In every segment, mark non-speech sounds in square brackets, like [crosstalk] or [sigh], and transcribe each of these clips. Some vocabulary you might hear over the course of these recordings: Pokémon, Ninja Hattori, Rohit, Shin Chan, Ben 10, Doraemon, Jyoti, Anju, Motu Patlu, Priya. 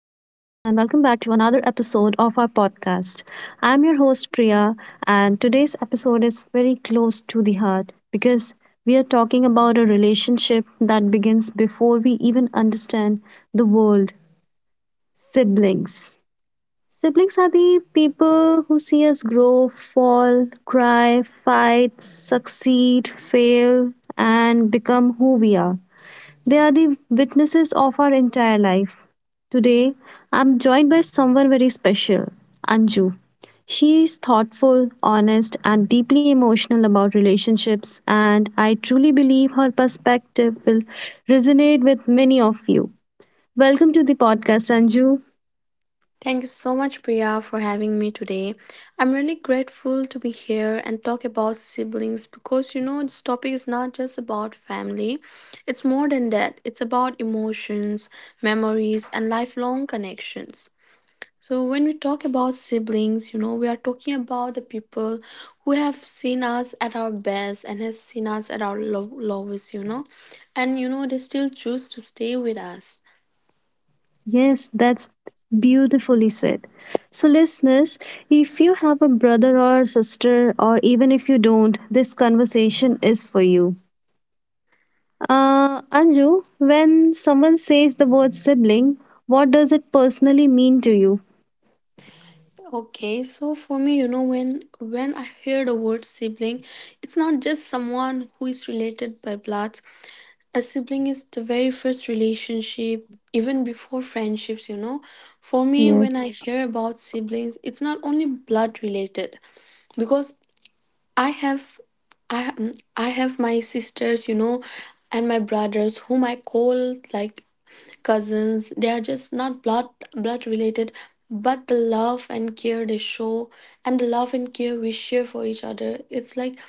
welcome back to another episode of our podcast. I'm your host, Priya, and today's episode is very close to the heart because we are talking about a relationship that begins before we even understand the world siblings. Siblings are the people who see us grow, fall, cry, fight, succeed, fail, and become who we are. They are the witnesses of our entire life. Today, I'm joined by someone very special, Anju. She is thoughtful, honest, and deeply emotional about relationships, and I truly believe her perspective will resonate with many of you. Welcome to the podcast, Anju. Thank you so much, Priya, for having me today. I'm really grateful to be here and talk about siblings because you know this topic is not just about family, it's more than that. It's about emotions, memories, and lifelong connections. So, when we talk about siblings, you know, we are talking about the people who have seen us at our best and has seen us at our lowest, you know, they still choose to stay with us. Yes, that's beautifully said. So, listeners, if you have a brother or sister, or even if you don't, this conversation is for you. Anju, when someone says the word sibling, what does it personally mean to you? Okay, so for me, you know, when I hear the word sibling, it's not just someone who is related by blood. A sibling is the very first relationship, even before friendships. For me, when Yes, I hear about siblings, it's not only blood related, because I have I have my sisters, you know, and my brothers whom I call like cousins. They are just not blood related, but the love and care they show and the love and care we share for each other,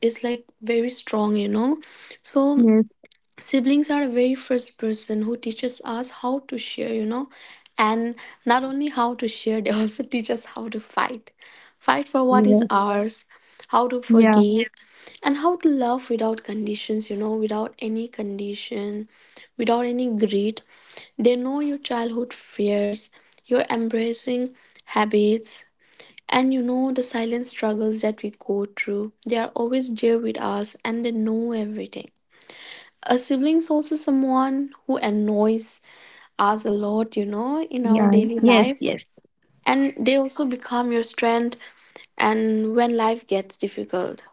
it's like very strong, you know. So yes, siblings are the very first person who teaches us how to share and not only how to share [laughs] they also teach us how to fight for what is yes, ours, how to yeah, forgive, and how to love without conditions, without any condition, without any greed. They know your childhood fears, your embracing habits, and you know the silent struggles that we go through. They are always there with us and they know everything. A sibling's also someone who annoys us a lot, you know, in our yeah, daily yes, life, yes. and they also become your strength and when life gets difficult.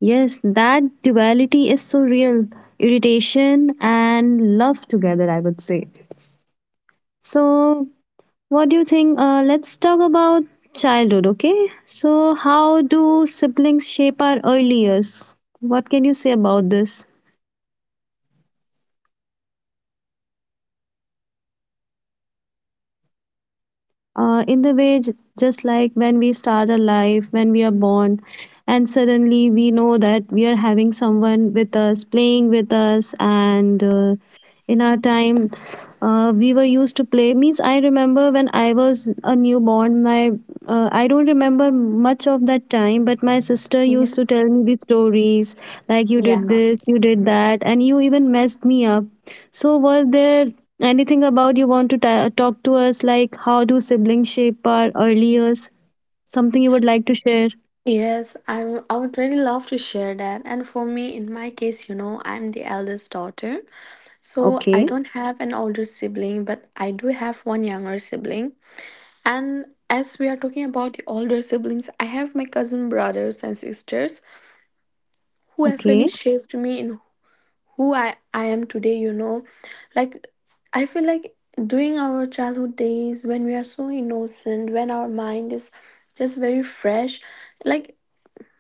Yes, that duality is so real. Irritation and love together, I would say. So, what do you think? Let's talk about childhood, okay? So, how do siblings shape our early years? What can you say about this? In the just like when we start a life when we are born and suddenly we know that we are having someone with us playing with us and in our time we were used to play means I remember when I was a newborn my I don't remember much of that time but my sister used to Yes, tell me these stories like you yeah, did this you did that and you even messed me up so were there anything about you want to ta talk to us, like how do siblings shape our early years? Something you would like to share? yes. I would really love to share that. And for me, in my case, you know, I'm the eldest daughter, so I Okay, don't have an older sibling, but I do have one younger sibling. And as we are talking about the older siblings, I have my cousin brothers and sisters who have really okay. shaped me in who I am today, you know. Like, I feel like during our childhood days, when we are so innocent, when our mind is just very fresh, like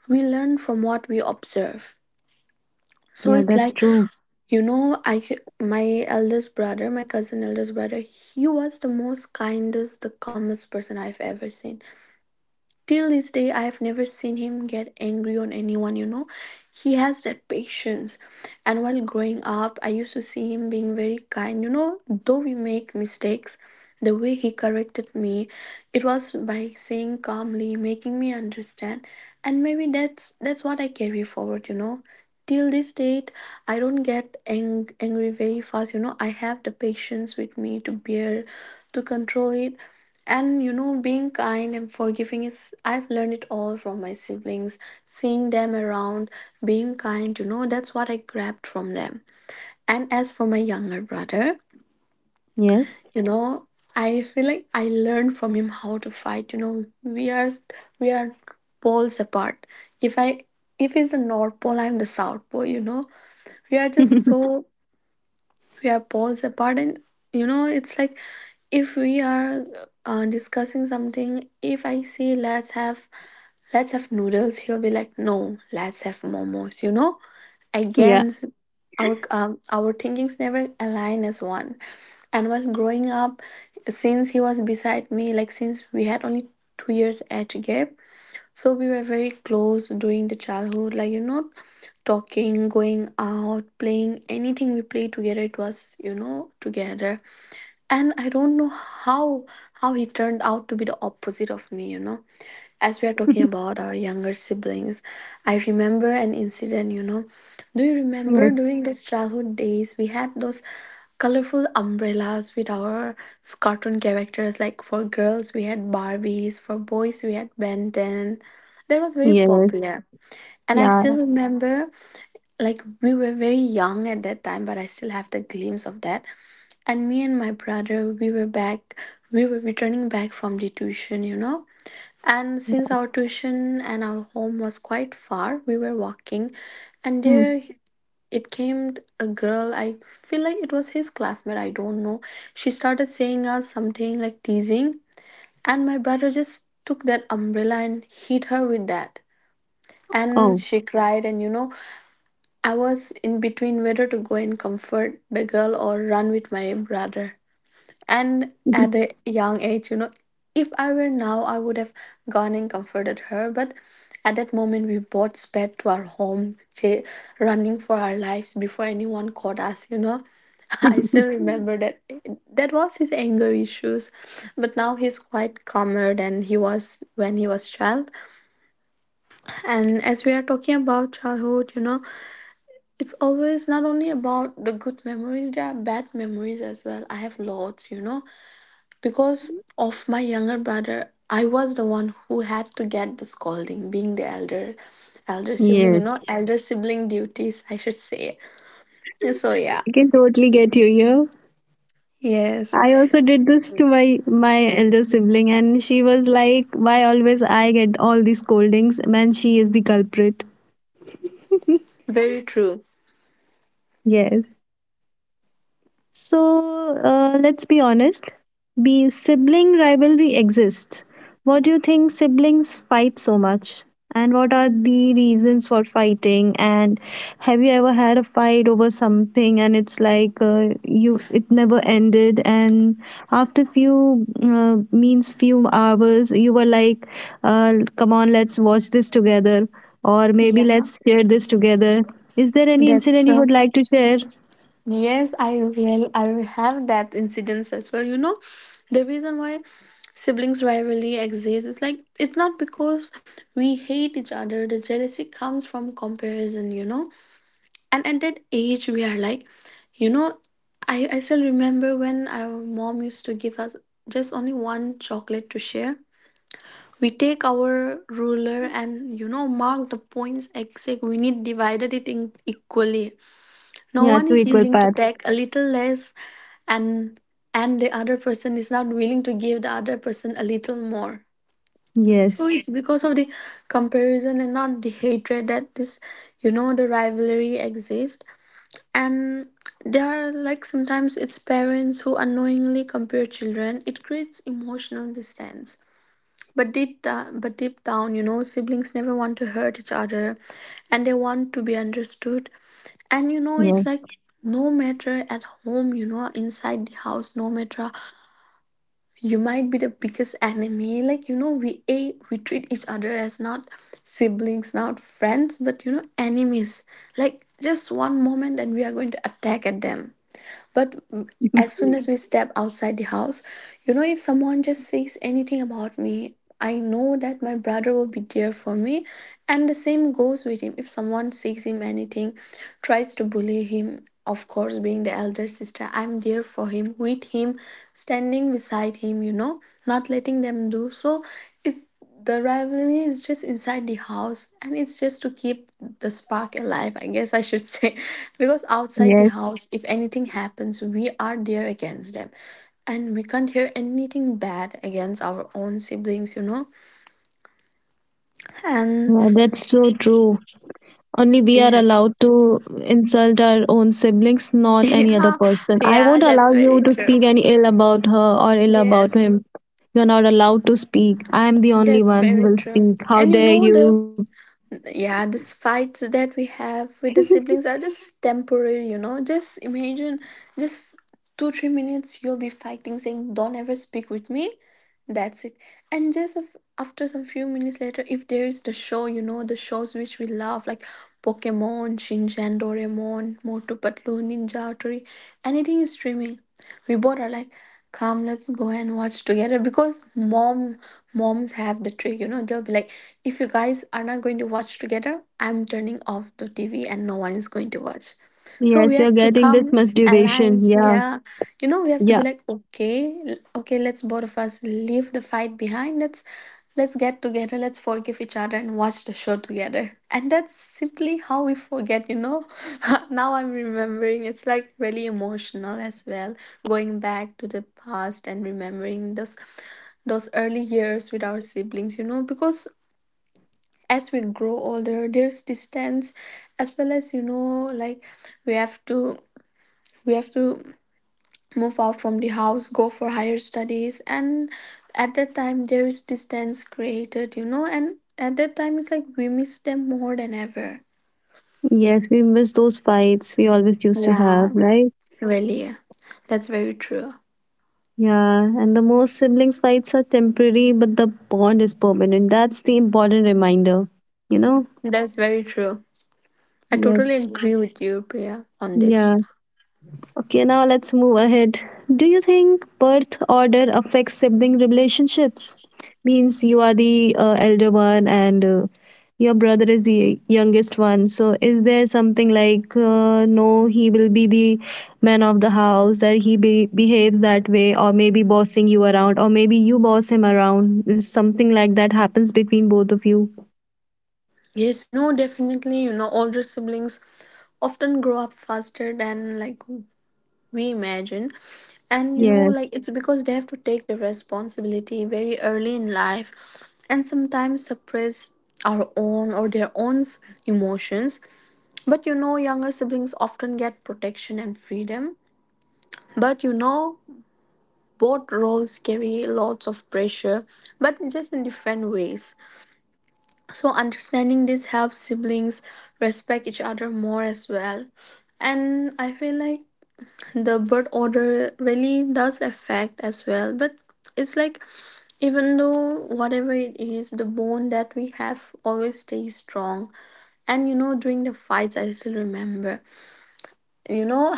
we learn from what we observe. So Yeah, it's that's like, true. you know, my eldest brother, my cousin eldest brother, he was the most kindest, the calmest person I've ever seen. Till this day, I have never seen him get angry on anyone, you know. He has that patience. And while growing up, I used to see him being very kind, you know. Though we make mistakes, the way he corrected me, it was by saying calmly, making me understand. And maybe that's what I carry forward, you know. Till this date, I don't get angry very fast, you know. I have the patience with me to bear, to control it, and you know, being kind and forgiving is, I've learned it all from my siblings, seeing them around, being kind, you know, that's what I grabbed from them. And as for my younger brother, Yes. you know, I feel like I learned from him how to fight. You know, we are poles apart. If I if he's the North Pole, I'm the South Pole, you know. We are just [laughs] so, we are poles apart. And you know it's like, if we are discussing something, if I say let's have noodles, he'll be like, no, let's have momos, you know. Yeah. Again, our thinkings never align as one. And while growing up, since he was beside me, like since we had only 2 years age gap, so we were very close during the childhood, like you know, talking, going out, playing, anything we played together. It was, you know, together. And I don't know how he turned out to be the opposite of me, you know. As we are talking [laughs] about our younger siblings, I remember an incident, you know. Do you remember Yes. during those childhood days we had those colorful umbrellas with our cartoon characters? Like for girls we had barbies, for boys we had ben 10, that was very Yes. popular. And I Yeah. still remember, like we were very young at that time, but I still have the glimpse of that. And me and my brother, we were returning back from the tuition, you know. And since Yeah. our tuition and our home was quite far, we were walking. And Hmm. there it came, a girl, I feel like it was his classmate, I don't know. She started saying us something, like teasing, and my brother just took that umbrella and hit her with that, and Oh. she cried, and you know, I was in between whether to go and comfort the girl or run with my brother. And at [laughs] a young age, you know, if I were now, I would have gone and comforted her. But at that moment, we both sped to our home, running for our lives before anyone caught us, you know. [laughs] I still remember that. That was his anger issues, but now he's quite calmer than he was when he was child. And as we are talking about childhood, you know, it's always not only about the good memories, there are bad memories as well. I have lots, you know, because of my younger brother, I was the one who had to get the scolding, being the elder sibling, you Yes. know, elder sibling duties I should say. So, yeah. I can totally get you, yeah. Yes, I also did this to my elder sibling and she was like, "Why always I get all these scoldings? Man, she is the culprit." very true. Yes. So let's be honest. Be sibling rivalry exists. What do you think siblings fight so much? And what are the reasons for fighting? And have you ever had a fight over something and it's like you it never ended? And after few hours, you were like, "Come on, let's watch this together," or maybe Yeah, let's share this together. Is there any that's incident you so would like to share? yes, I will. I will have that incidents as well. You know, the reason why siblings rivalry exists is, like, it's not because we hate each other. The jealousy comes from comparison. You know, and at that age we are like, you know, I still remember when our mom used to give us just only one chocolate to share. We take our ruler and you know mark the points exact. We need divided it in equally, no Yeah, one two is, yeah, equal willing to parts. take a little less, and the other person is not willing to give the other person a little more. So Yes, it's because of the comparison and not the hatred that this, you know, the rivalry exists. And there are, like sometimes it's parents who unknowingly compare children, it creates emotional distance. But but deep down, you know, siblings never want to hurt each other and they want to be understood. And you know, it's yes, like no matter at home, you know, inside the house, no matter, you might be the biggest enemy. Like, you know, we treat each other as not siblings, not friends, but you know, enemies. Like just one moment and we are going to attack at them. But [laughs] as soon as we step outside the house, you know, if someone just says anything about me, I know that my brother will be there for me. And the same goes with him, if someone says him anything, tries to bully him, of course being the elder sister, I'm there for him, with him, standing beside him, you know, not letting them do so. It, the rivalry is just inside the house and it's just to keep the spark alive, I guess I should say. [laughs] Because outside the yes. house, if anything happens, we are there against them. And we can't hear anything bad against our own siblings, you know? And Yeah, that's so true. Only we are yes. [laughs] allowed to insult our own siblings, not any other Yeah, person. I yeah, won't that's allow you very to true. speak any ill about her or ill about Yes, him. You're not allowed to speak. I'm the only that's one who very will true. speak. How And you dare know the you? And yeah, these fights that we have with the siblings are just temporary, you know, just imagine just two three minutes. You'll be fighting saying, don't ever speak with me, that's it. And just if, after some few minutes later, if there's the show, you know, the shows which we love like Pokemon, Shinchan, Doraemon, Motu Patlu, Ninja Hattori, anything is streaming, we both are like, come, let's go and watch together because moms have the trick, you know, they'll be like, if you guys are not going to watch together, I'm turning off the TV and no one is going to watch. So we Yes, you're have to getting this come, much duration. alliance, Yeah, yeah, you know, we have to be yeah. like, okay, okay, let's both of us leave the fight behind, let's get together, let's forgive each other and watch the show together. And that's simply how we forget. [laughs] Now I'm remembering, it's like really emotional as well, going back to the past and remembering those early years with our siblings, you know, because as we grow older there's distance as well, as we have to we have to move out from the house, go for higher studies. And at that time there is distance created, you know, and at that time it's like we miss them more than ever. Yes, we miss those fights we always used to Yeah, have, right? really, that's very true. Yeah, and the most siblings fights are temporary, but the bond is permanent. That's the important reminder, you know? That's very true. I totally Yes. agree with you, Priya, on this. Yeah. Okay, now let's move ahead. Do you think birth order affects sibling relationships? Means you are the elder one and your brother is the youngest one. So, is there something like no, he will be the man of the house, that he behaves that way, or maybe bossing you around, or maybe you boss him around? Is something like that happens between both of you? Yes, you know, definitely, you know, older siblings often grow up faster than like we imagine. And you know, Yes. like, it's because they have to take the responsibility very early in life, and sometimes suppress our own or their own s- emotions. But you know, younger siblings often get protection and freedom. But you know, both roles carry lots of pressure, but just in different ways. So understanding this helps siblings respect each other more as well. And I feel like the birth order really does affect as well, but it's like, even though whatever it is, the bond that we have always stays strong. And you know, during the fights, I still remember, you know,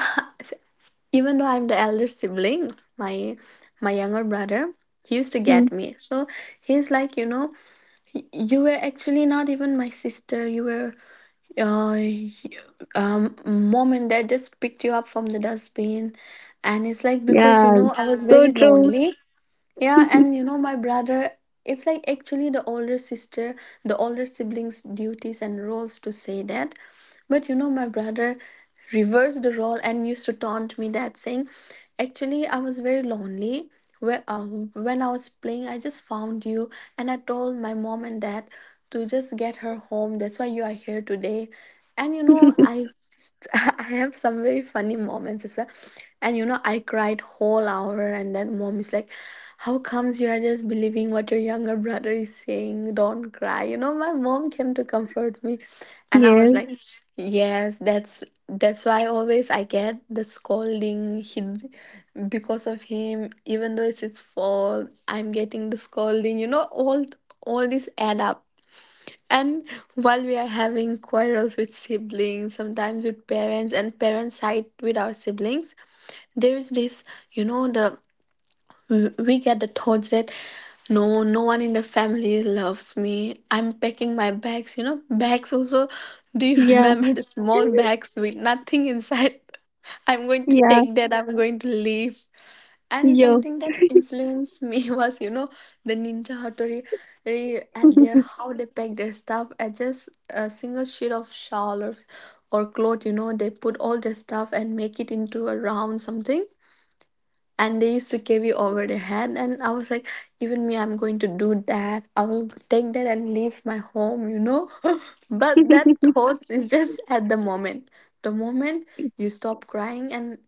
[laughs] even though I'm the elder sibling, my my younger brother, he used to get Hmm. me so. He's like, you know, you were actually not even my sister. You were uh, mom and dad just picked you up from the dustbin. And it's like because, you Yeah, know, I was so very true. lonely. Yeah, and you know, my brother, it's like actually the older sister, the older siblings' duties and roles to say that. But you know, my brother reversed the role and used to taunt me that saying, actually, I was very lonely. Where, when I was playing, I just found you and I told my mom and dad to just get her home. That's why you are here today. And you know I [laughs] [laughs] I have some very funny moments as well. And you know, I cried whole hour and then mom is like, how comes you are just believing what your younger brother is saying, don't cry, you know, my mom came to comfort me. And I was Yes. like, Mhm. Yes, that's why always I get the scolding. He because of him, even though it's his fault, I'm getting the scolding, you know. All these add up. And while we are having quarrels with siblings, sometimes with parents, and parents side with our siblings, there is this, you know, the we get the thoughts that, no, no one in the family loves me. I'm packing my bags, you know, bags also. [laughs] Do you Yeah. remember the small bags with nothing inside? [laughs] I'm going to Yeah. take that, I'm going to leave. And Yeah. something that influenced me [laughs] was, you know, the Ninja Hattori, at their [laughs] how they pack their stuff as just a single sheet of shawl, or, cloth, you know, they put all their stuff and make it into a round something, and they used to carry over their head. And I was like, even me, I'm going to do that, I will take that and leave my home, you know. [laughs] But that Yeah, thoughts is just at the moment. The moment you stop crying, and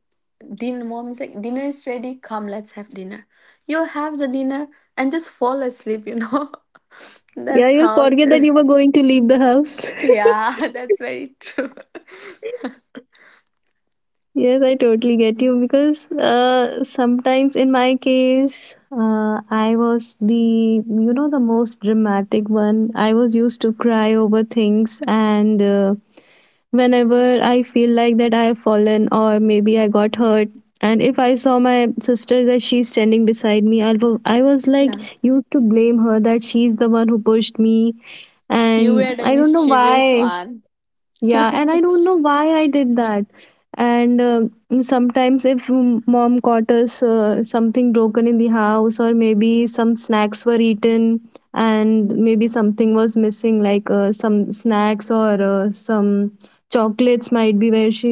dinner, mom is like, dinner is ready, come let's have dinner, you'll have the dinner and just fall asleep, you know. [laughs] That's you'll how forget it that you is. were going to leave the house. Yeah, [laughs] that's very true. [laughs] Yes, I totally get you because sometimes in my case, I was the, you know, the most dramatic one. I was used to cry over things and whenever I feel like that I have fallen or maybe I got hurt. And if I saw my sister that she's standing beside me, I was like [laughs] Yeah, used to blame her that she's the one who pushed me. you were And the I don't know mischievous why. one. Yeah, and I [laughs] don't know why I did that. And sometimes, if mom caught us something broken in the house, or maybe some snacks were eaten, and maybe something was missing, like some snacks or some chocolates might be where she.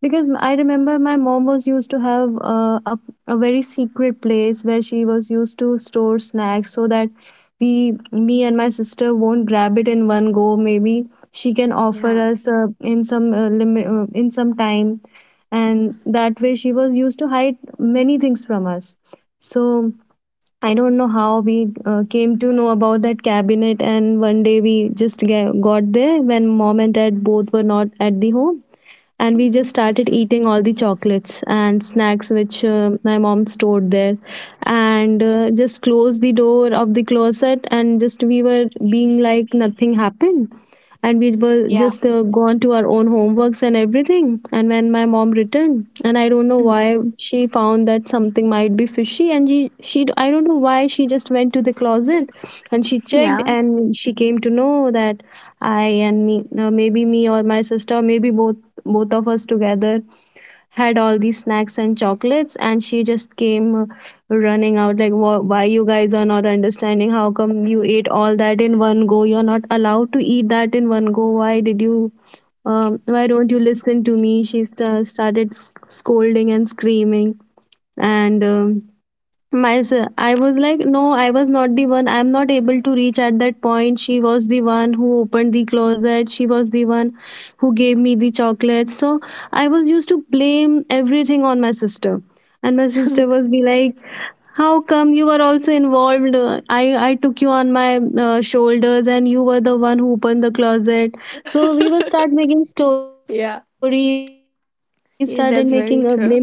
Because I remember my mom was used to have a very secret place where she was used to store snacks so that we, me and my sister won't grab it in one go, maybe she can offer Yeah. us in some limit in some time and that way she was used to hide many things from us so I don't know how we came to know about that cabinet and one day we just got there when mom and dad both were not at the home and we just Mhm. started eating all the chocolates and snacks which my mom stored there and just closed the door of the closet and just we were being like nothing happened and we were just gone to our own homeworks and everything. And when my mom returned, and I don't know why she found that something might be fishy, and she I don't know why she just went to the closet and she checked Yeah, and she came to know that I and me, maybe me or my sister, maybe both of us together had all these snacks and chocolates and she just came running out like, Why you guys are not understanding? How come you ate all that in one go? You're not allowed to eat that in one go. Why did you why don't you listen to me?" She started scolding and screaming, and myself I was like, no, I was not the one, I'm not able to reach at that point, she was the one who opened the closet, she was the one who gave me the chocolates, so I was used to blame everything on my sister. And my sister was be like, "How come you were also involved? I took you on my shoulders and you were the one who opened the closet." So we were start making stories, yeah. started making blaming each other. Yeah, and that's very true.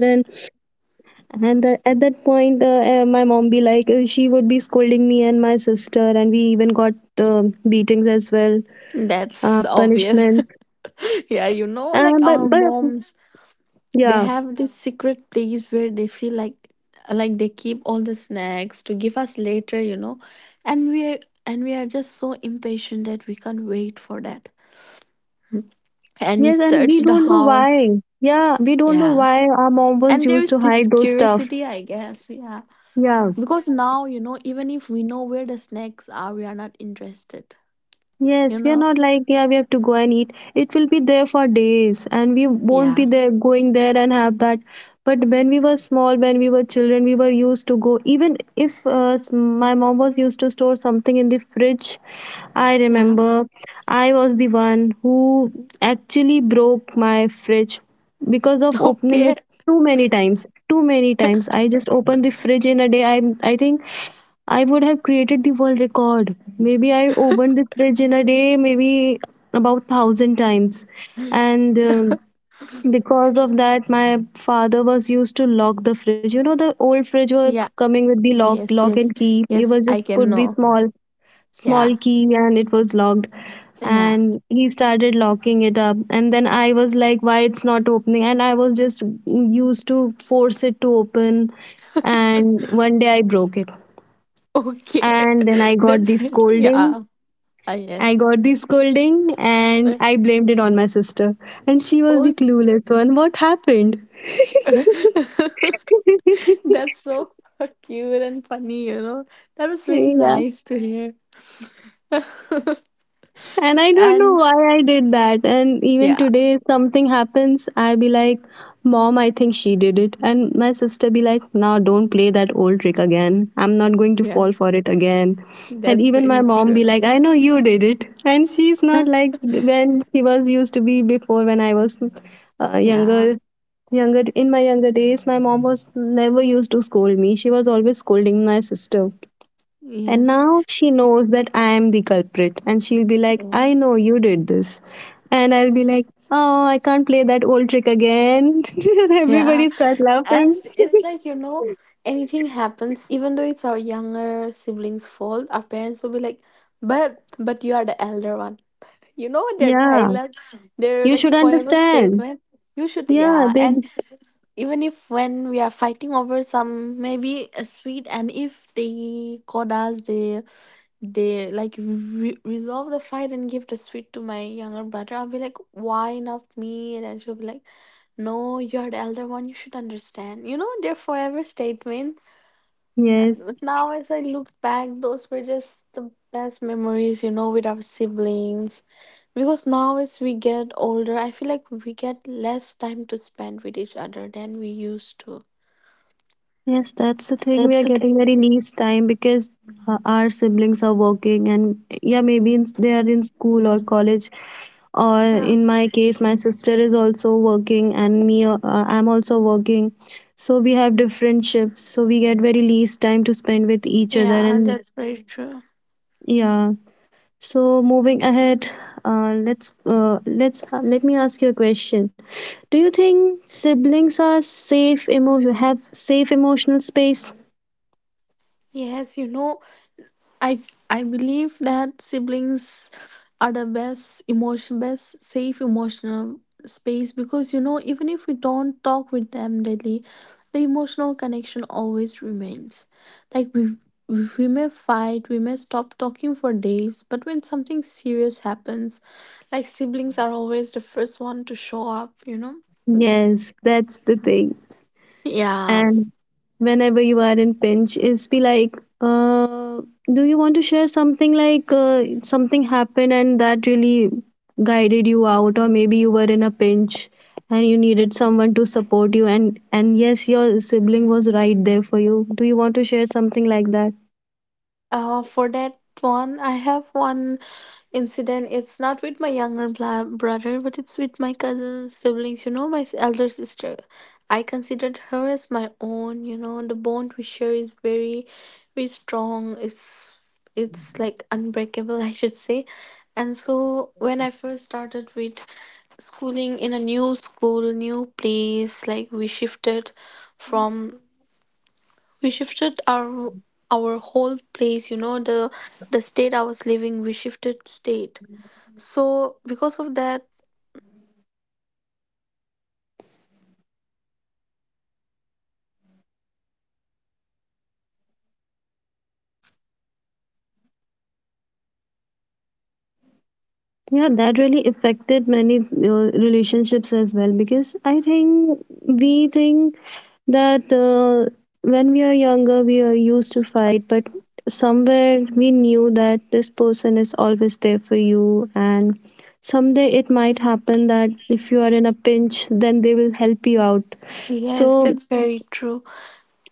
and the, at that point, my mom be like, she would be scolding me and my sister, and we even got beatings as well, That's punishments. obvious. [laughs] Yeah, you know, And like, but our but moms, they yeah, have this secret place where they feel like they keep all the snacks to give us later, you know. And we and we are just so impatient that we can't wait for that. And we yes, and search we the don't know house. why. Yeah, we don't know Yeah. why our mom was And there used is to this hide those stuff. curiosity, I guess. Yeah. Yeah. Because now, you know, even if we know where the snacks are, we are not interested. You Yes, we are know? not like, yeah, we have to go and eat. It will be there for days, and we won't be Yeah. there going there and have that. But when we were small, when we were children, we were used to go. Even if my mom was used to store something in the fridge, I Yeah. remember I was the one who actually broke my fridge because of [laughs] opening Okay. it too many times. Too many times. I just opened the fridge in a day. I think I would have created the world record. Maybe I opened the fridge in a day, maybe about thousand times, and because of that, my father was used to lock the fridge. You know, the old fridge were Yeah. coming with the lock, Yes, lock and yes, key. He yes, was I just can put the know. small, small Yeah, key, and it was locked. yeah. And he started locking it up, and then I was like, "Why it's not opening?" And I was just used to force it to open, and one day I broke it Okay. and then I [laughs] got the That's like, scolding. yeah, I I yes. got the scolding and Like, I blamed it on my sister. And she was the oh, clueless one. What happened? [laughs] [laughs] that's so cute and funny, you know. That was really Yeah. nice to hear. [laughs] And I don't know And why I did that. And even yeah, today, if something happens, I be like, "Mom, I think she did it." And my sister be like, "Now don't play that old trick again. I'm not going to yeah, fall for it again." And that's even my very mom true. be like, "I know you did it." And she's not [laughs] like when she was used to be before when I was Yeah, younger. Younger in my younger days, my mom was never used to scold me. She was always scolding my sister. And yes, now she knows that I am the culprit. And she'll be like, yeah, "I know you did this." And I'll be like, "Oh, I can't play that old trick again." [laughs] And yeah. everybody start laughing. And it's like, you know, [laughs] anything happens, even though it's our younger sibling's fault, our parents will be like, but you are the elder one, you know, their Yeah. dialogue, their You like should forever understand. statement. You should, Yeah. yeah. They, And even if when we are fighting over some, maybe a sweet, and if they caught us, they like resolve the fight and give the sweet to my younger brother. I'll be like, why not me? And then she'll be like, no, you're the elder one, you should understand, you know, they're forever statement. [laughs] yes. And now, as I look back, those were just the best memories, you know, with our siblings. Because now, as we get older, I feel like we get less time to spend with each other than we used to. Yes, that's the thing. We That's are the thing. getting very nice time because our siblings are working, and yeah, maybe in, they are in school or college. Or Yeah, in my case, my sister is also working, and me, I'm also working. So we have different shifts, so we get very least time to spend with each other. yeah, that's very true. yeah, so moving ahead, let me ask you a question. Do you think siblings are safe? Have safe emotional space? Yes, you know, I I believe that siblings are the best safe emotional space, because you know, even if we don't talk with them daily, the emotional connection always remains. Like we may fight, we may stop talking for days, but when something serious happens, like siblings are always the first one to show up, you know? Yes, that's the thing. Yeah. And whenever you are in pinch, it's be like, do you want to share something like something happened and that really guided you out, or maybe you were in a pinch and you needed someone to support you, and yes, your sibling was right there for you. Do you want to share Yes. something like that? You know, for that one, I have one incident. It's not with my younger brother, but it's with my cousin siblings. You know, my elder sister. I considered her as my own. You know, the bond we share is very, very strong. It's like unbreakable, [laughs] I should say. And so when I first started with schooling in a new school, new place, like we shifted from we shifted our whole place, you know, the Yeah, that really affected many relationships as well because I think we think that when we are younger we are used to fight, but somewhere we knew that this person is always there for you, and someday it might happen that if you are in a pinch then they will help you out. Yes, So that's very true.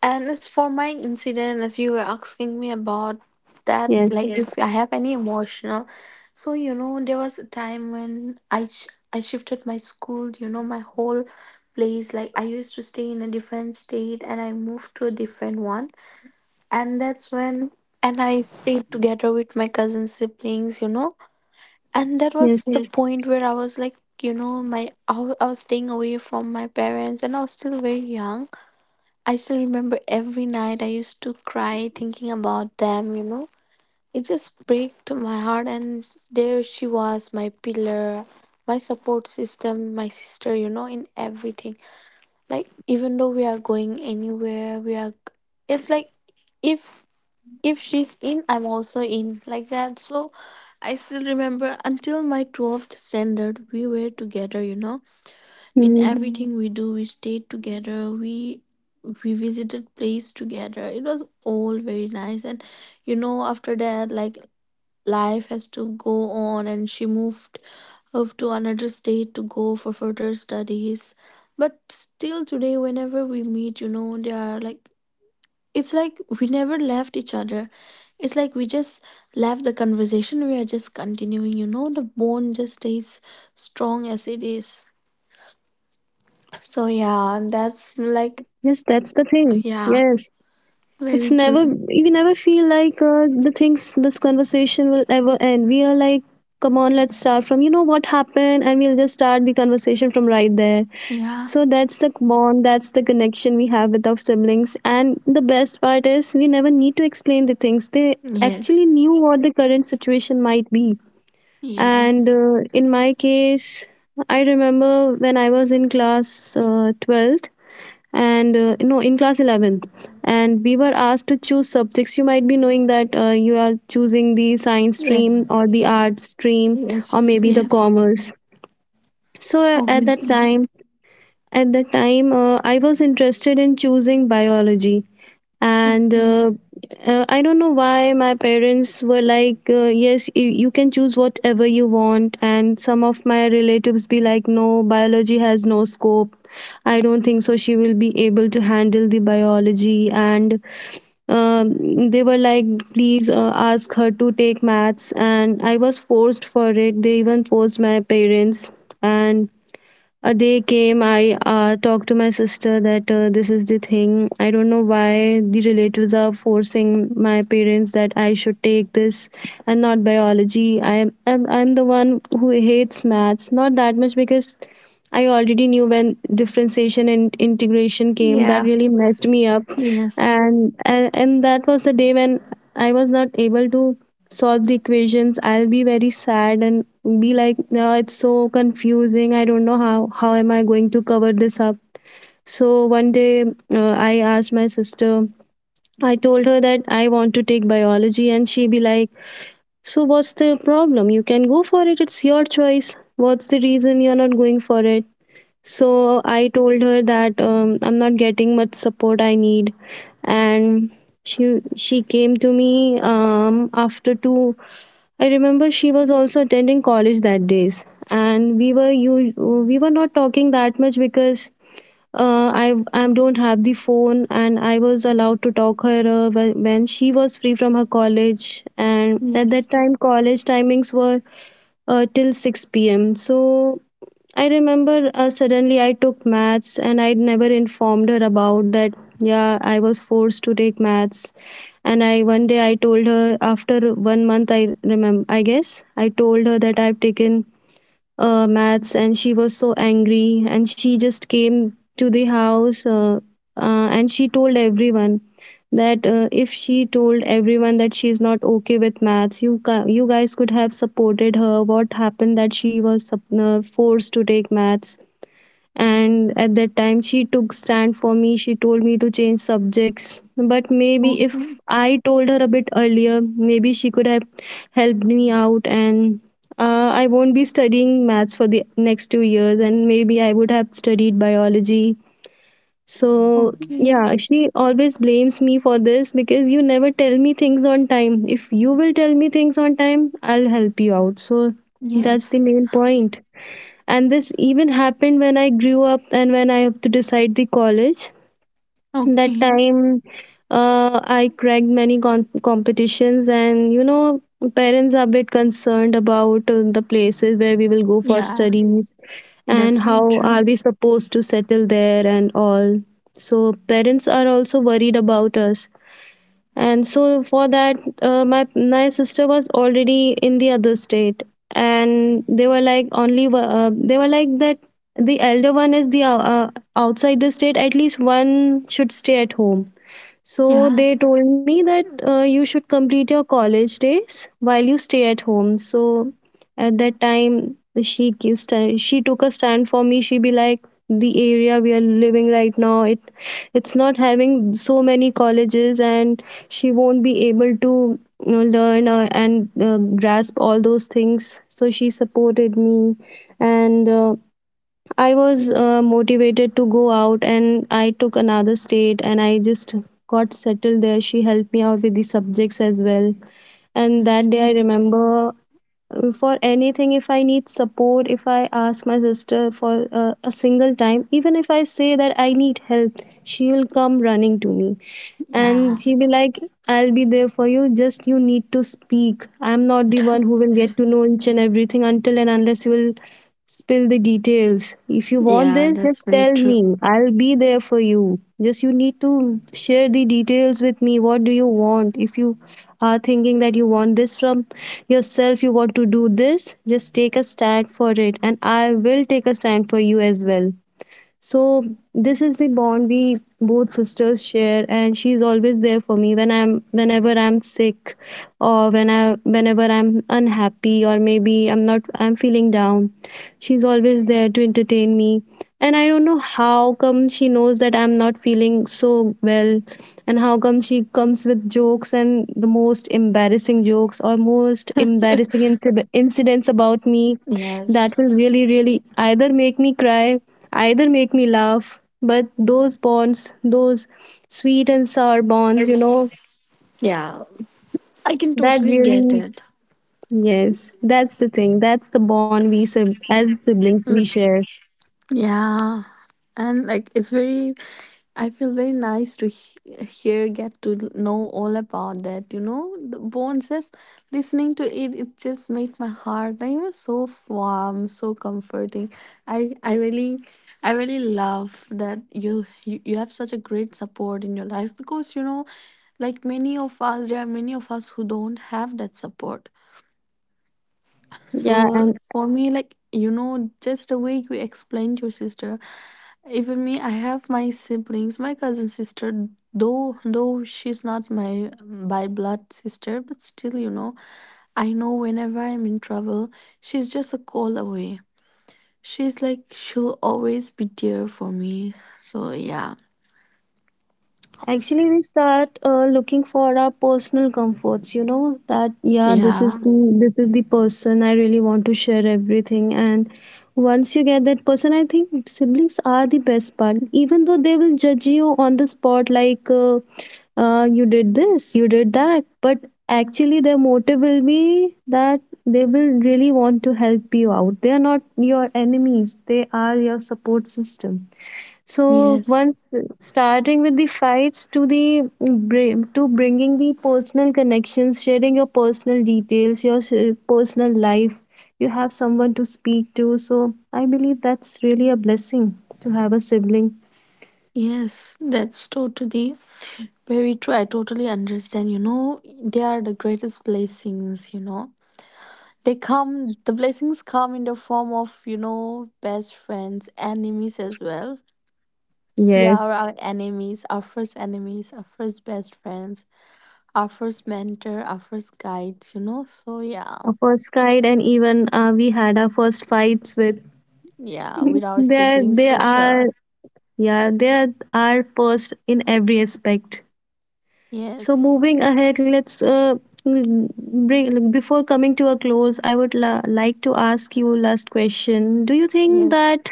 And as for my incident, as you were asking me about that, yes. like if I have any emotional, there was a time when I shifted my school. You know, my whole place. Like I used to stay in a different state, and I moved to a different one. And that's when, and I stayed together with my cousin siblings. You know, and that Yes. was the point where I was like, my I was staying away from my parents, and I was still very young. I still remember every night I used to cry thinking about them. It just broke to my heart, and there she was, my pillar, my support system, my sister, you know, in everything. Like even though we are going anywhere, we are it's like if if she's in, I'm also in like that. So I still remember until my 12th standard we were together, you know, in Mm. everything we do we stayed together, we visited place together. It was all very nice. And you know, after that, like life has to go on, and she moved off to another state to go for further studies. But still today, whenever we meet, you know, they are like, it's like we never left each other. It's like we just left the conversation, we are just continuing, you know, the bond just stays strong as it is. Yes, So that's the yeah, thing. that's like, Yes, it's yeah, never, you never feel very like true. The things this conversation will ever end. We are like, come on, let's start from, you know, what happened, and we'll just start the conversation from right there. So that's the Yeah. bond, that's the connection we have with our siblings. And the best part is, we never need to explain the things. They actually Yes. knew what the current situation might be. And Yes. In my case, I remember when I was in class 12th and no, in class 11th, and we were asked to choose subjects. You might be knowing that you are choosing the science Yes. stream or the arts stream, or Yes. maybe the Yes. commerce. So at that Obviously. time, at the time, I was interested in choosing biology. And Okay. uh, uh, I don't know why my parents were like, yes, you can choose whatever you want. And some of my relatives be like, no, biology has no scope. I don't think so. She will be able to handle the biology. And they were like, please ask her to take maths. And I was forced for it. They even forced my parents. And a day came. I talked to my sister that this is the thing. I don't know why the relatives are forcing my parents that I should take this and not biology. I'm the one who hates maths, not that much, because I already knew when differentiation and integration came, that Yeah. really messed me up. Yes. And that was the day when I was not able to solve the equations. I'll be very sad and be like, no, it's so confusing, I don't know how am I going to cover this up. So one day I asked my sister, I told her that I want to take biology, and she be like, so what's the problem? You can go for it, it's your choice. What's the reason you're not going for it? So I told her that I'm not getting much support I need, and she came to me after two. I remember she was also attending college that days, and we were not talking that much because I don't have the phone, and I was allowed to talk her when she was free from her college. And at Yes. that time, college timings were till six p.m. So I remember, suddenly I took maths, and I never informed her about that. Yeah, I was forced to take maths, and I one day I told her after one month. I remember. I guess I told her that I've taken maths, and she was so angry, and she just came to the house, and she told everyone that, if she told everyone that she is not okay with maths, you you guys could have supported her. What happened that she was forced to take maths? And at that time she took stand for me. She told me to change subjects, but maybe Okay. if I told her a bit earlier, maybe she could have helped me out, and I won't be studying maths for the next 2 years, and maybe I would have studied biology. So Okay. yeah, she always blames me for this because, you never tell me things on time. If you will tell me things on time, I'll help you out. So that's Yes. the main point. And this even happened when I grew up and when I have to decide the college. That Okay. time, I cracked many competitions, and you know, parents are a bit concerned about the places where we will go for Yeah. studies That's and very how are true. we supposed to settle there and all. So parents are also worried about us. And so for that, my sister was already in the other state, and they were like, they were like that, the elder one is the outside the state, at least one should stay at home. So Yeah. they told me that, you should complete your college days while you stay at home. So at that time, she took a stand for me. She be like, the area we are living right now, it's not having so many colleges, and she won't be able to, you know, learn and grasp all those things. So she supported me, and. I was motivated to go out, and I took another state and I just got settled there. She helped me out with the subjects as well. And that day I Okay. remember, for anything, if I need support, if I ask my sister for a single time, even if I say that I need help, she will come running to me. Yeah. And she'll be like, I'll be there for you. Just you need to speak. I'm not the one who will get to know each and everything until and unless you will spill the details. If you want Yeah, this, that's just very tell true. me. I'll be there for you. Just you need to share the details with me. What do you want? If you are thinking that you want this from yourself, you want to do this, just take a stand for it. And I will take a stand for you as well. So this is the bond we both sisters share, and she's always there for me when I'm whenever I'm sick, or whenever I'm unhappy, or maybe I'm not I'm feeling down. She's always there to entertain me. And I don't know how come she knows that I'm not feeling so well, and how come she comes with jokes and the most embarrassing jokes or most embarrassing incidents about me that will Yes. really really either make me cry, either make me laugh. But those bonds, those sweet and sour bonds, you know, Yeah. I can that totally get really, it. yes, that's the thing. That's the bond we as siblings we Mm. share. Yeah. And like it's very, I feel very nice to hear, get to know all about that. You know, the bones, just listening to it, it just made my heart like, you know, so warm, so comforting. I, I really, I really love that you have such a great support in your life, because you know, like many of us, there are many of us who don't have that support. Yeah, So and for me, like you know, just the way you explained your sister, even me, I have my siblings, my cousin sister. Though she's not my by blood sister, but still, you know, I know whenever I'm in trouble, she's just a call away. She's like she'll always be there for me. So yeah, actually, we start looking for our personal comforts. You know that, yeah, this is yeah, this is the person I really want to share everything. And once you get that person, I think siblings are the best part. Even though they will judge you on the spot, like, you did this, you did that, but actually their motive will be that they will really want to help you out. They are not your enemies. They are your support system. So yes, once, starting with the fights to the to bringing the personal connections, sharing your personal details, your personal life, you have someone to speak to. So I believe that's really a blessing to have a sibling. yes, that's totally very true. I totally understand. You know, they are the greatest blessings. You know, they come, the blessings come in the form of, you know, best friends, enemies as well. They are Yes, our enemies, our first best friends, our first mentor, our first guides, you know? So, yeah, our first guide, and even we had our first fights with. yeah, with our [laughs] they siblings they for are, sure. yeah, they are our first in every aspect. So Yes, moving ahead, let's bring like, before coming to a close. I would like to ask you last question. Do you think yes. that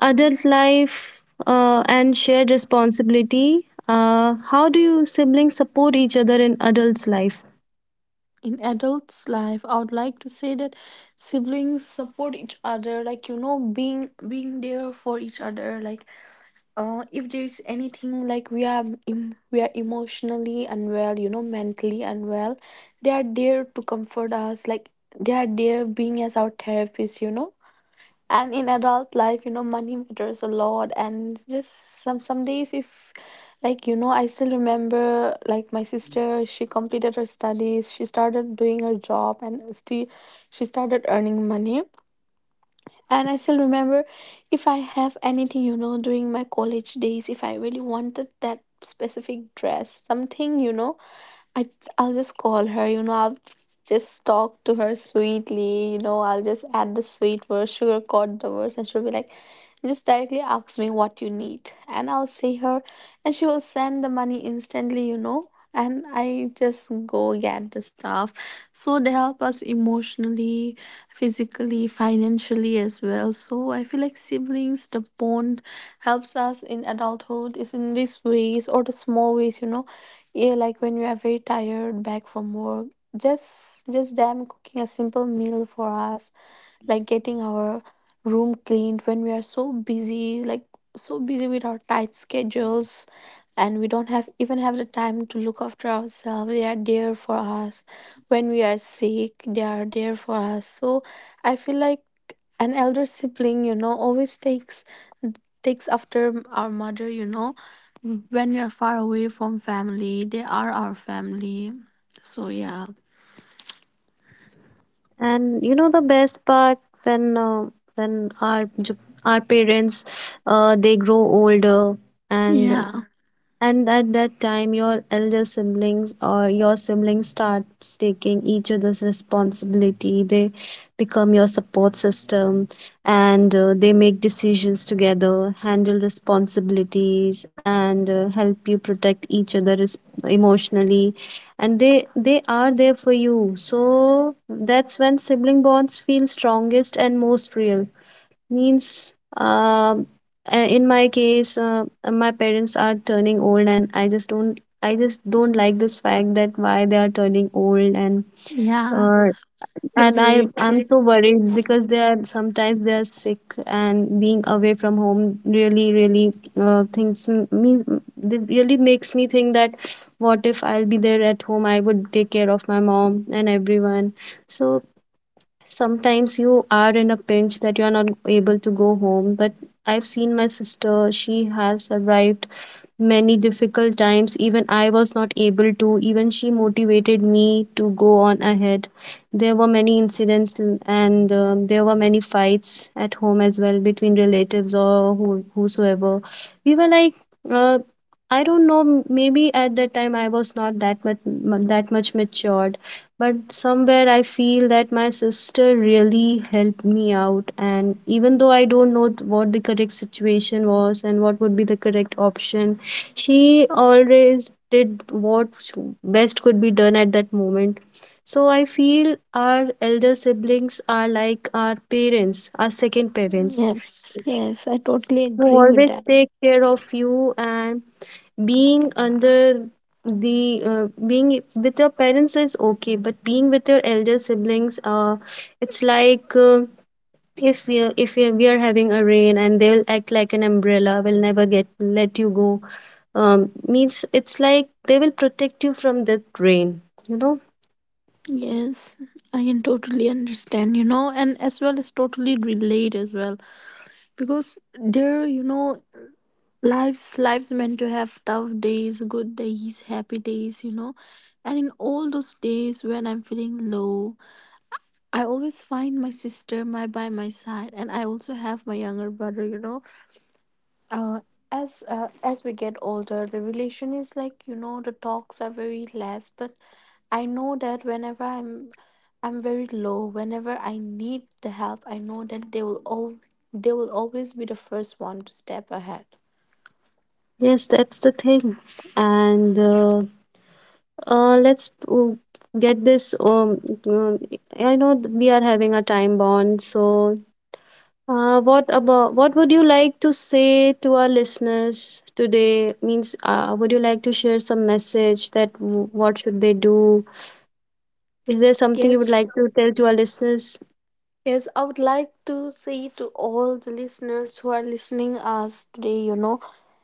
adult life and shared responsibility? How do you siblings support each other in adults' life? In adults' life, I would like to say that siblings support each other, like you know, being there for each other, like, if there's anything like we are emotionally unwell, you know, mentally unwell, they are there to comfort us, like they are there being as our therapist, you know. And in adult life, you know, money matters a lot. And just some days if, like you know, I still remember, like my sister, she completed her studies, she started doing her job, and still she started earning money. And I still remember, if I have anything, you know, during my college days, if I really wanted that specific dress, something, you know, I, I'll just call her, you know, I'll just talk to her sweetly. You know, I'll just add the sweet words, sugarcoat the words, and she'll be like, just directly ask me what you need. And I'll see her, and she will send the money instantly, you know. And I just go get the stuff. So they help us emotionally, physically, financially as well. So I feel like siblings, the bond helps us in adulthood is in these ways or the small ways, you know. Yeah, like when we are very tired back from work, just them cooking a simple meal for us, like getting our room cleaned when we are so busy, like so busy with our tight schedules, and we don't have even have the time to look after ourselves, they are there for us. When we are sick, they are there for us. So I feel like an elder sibling, you know, always takes after our mother, you know, when we are far away from family, they are our family. So yeah. And you know the best part, when uh, when our our parents, they grow older, and Yeah, And at that time, your elder siblings or your siblings starts taking each other's responsibility. They become your support system, and they make decisions together, handle responsibilities, and help you protect each other, emotionally. And they are there for you. So that's when sibling bonds feel strongest and most real. Means in my case, my parents are turning old, and I just don't like this fact that why they are turning old. and yeah, uh, that's and i very i'm true. so worried because they are, sometimes they are sick, and being away from home really really thinks m- me it really makes me think that what if I'll be there at home, I would take care of my mom and everyone. So sometimes you are in a pinch that you are not able to go home, but I've seen my sister, she has survived many difficult times. Even I was not able to, even she motivated me to go on ahead. There were many incidents, and there were many fights at home as well between relatives or who, whosoever. We were like, uh, I don't know. Maybe at that time I was not that much that much matured, but somewhere I feel that my sister really helped me out. And even though I don't know what the correct situation was and what would be the correct option, she always did what best could be done at that moment. So I feel our elder siblings are like our parents, our second parents, Yes, yes, I totally who agree with always that. take care of you. And being under the being with your parents is okay, but being with your elder siblings, it's like, if we are, we are having a rain, and they will act like an umbrella, will never get let you go. Means it's like they will protect you from that rain, you know. Yes, I can totally understand, you know, and as well as totally relate as well. Because there, you know, lives meant to have tough days, good days, happy days, you know. And in all those days when I'm feeling low, I always find my sister my by my side. And I also have my younger brother, you know. uh, as as we get older, the relation is like, you know, the talks are very less, but I know that whenever I'm very low, whenever I need the help, I know that they will always be the first one to step ahead. Yes, that's the thing. And let's get this uh, I know we are having a time bond. So what would you like to say to our listeners today? Means, would you like to share some message that what should they do? Is there something you would Yes, like to tell to our listeners? yes, I would like to say to all the listeners who are listening us today, you know,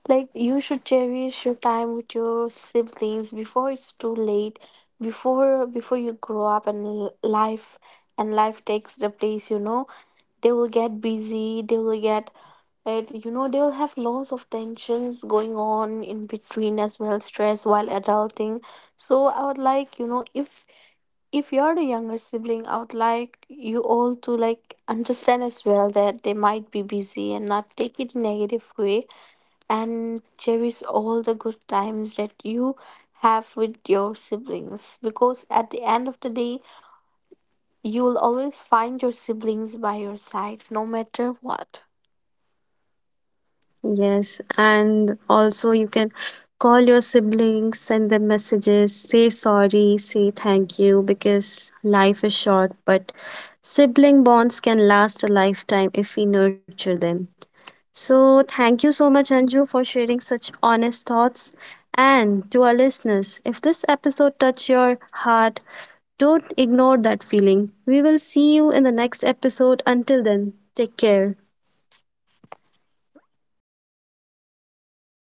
like you should cherish your time with your siblings before it's too late, before you grow up and life and life takes the place, you know, they will get busy, they will get it, you know, they will have lots of tensions going on in between as well, stress while adulting. So I would like, you know, if you're the younger sibling, I would like you all to like understand as well that they might be busy and not take it in a negative way, and cherish all the good times that you have with your siblings, because at the end of the day, you will always find your siblings by your side, no matter what. Yes, and also you can call your siblings, send them messages, say sorry, say thank you, because life is short, but sibling bonds can last a lifetime if we nurture them. So, thank you so much, Anju, for sharing such honest thoughts. And to our listeners, if this episode touched your heart, don't ignore that feeling. We will see you in the next episode. Until then, take care.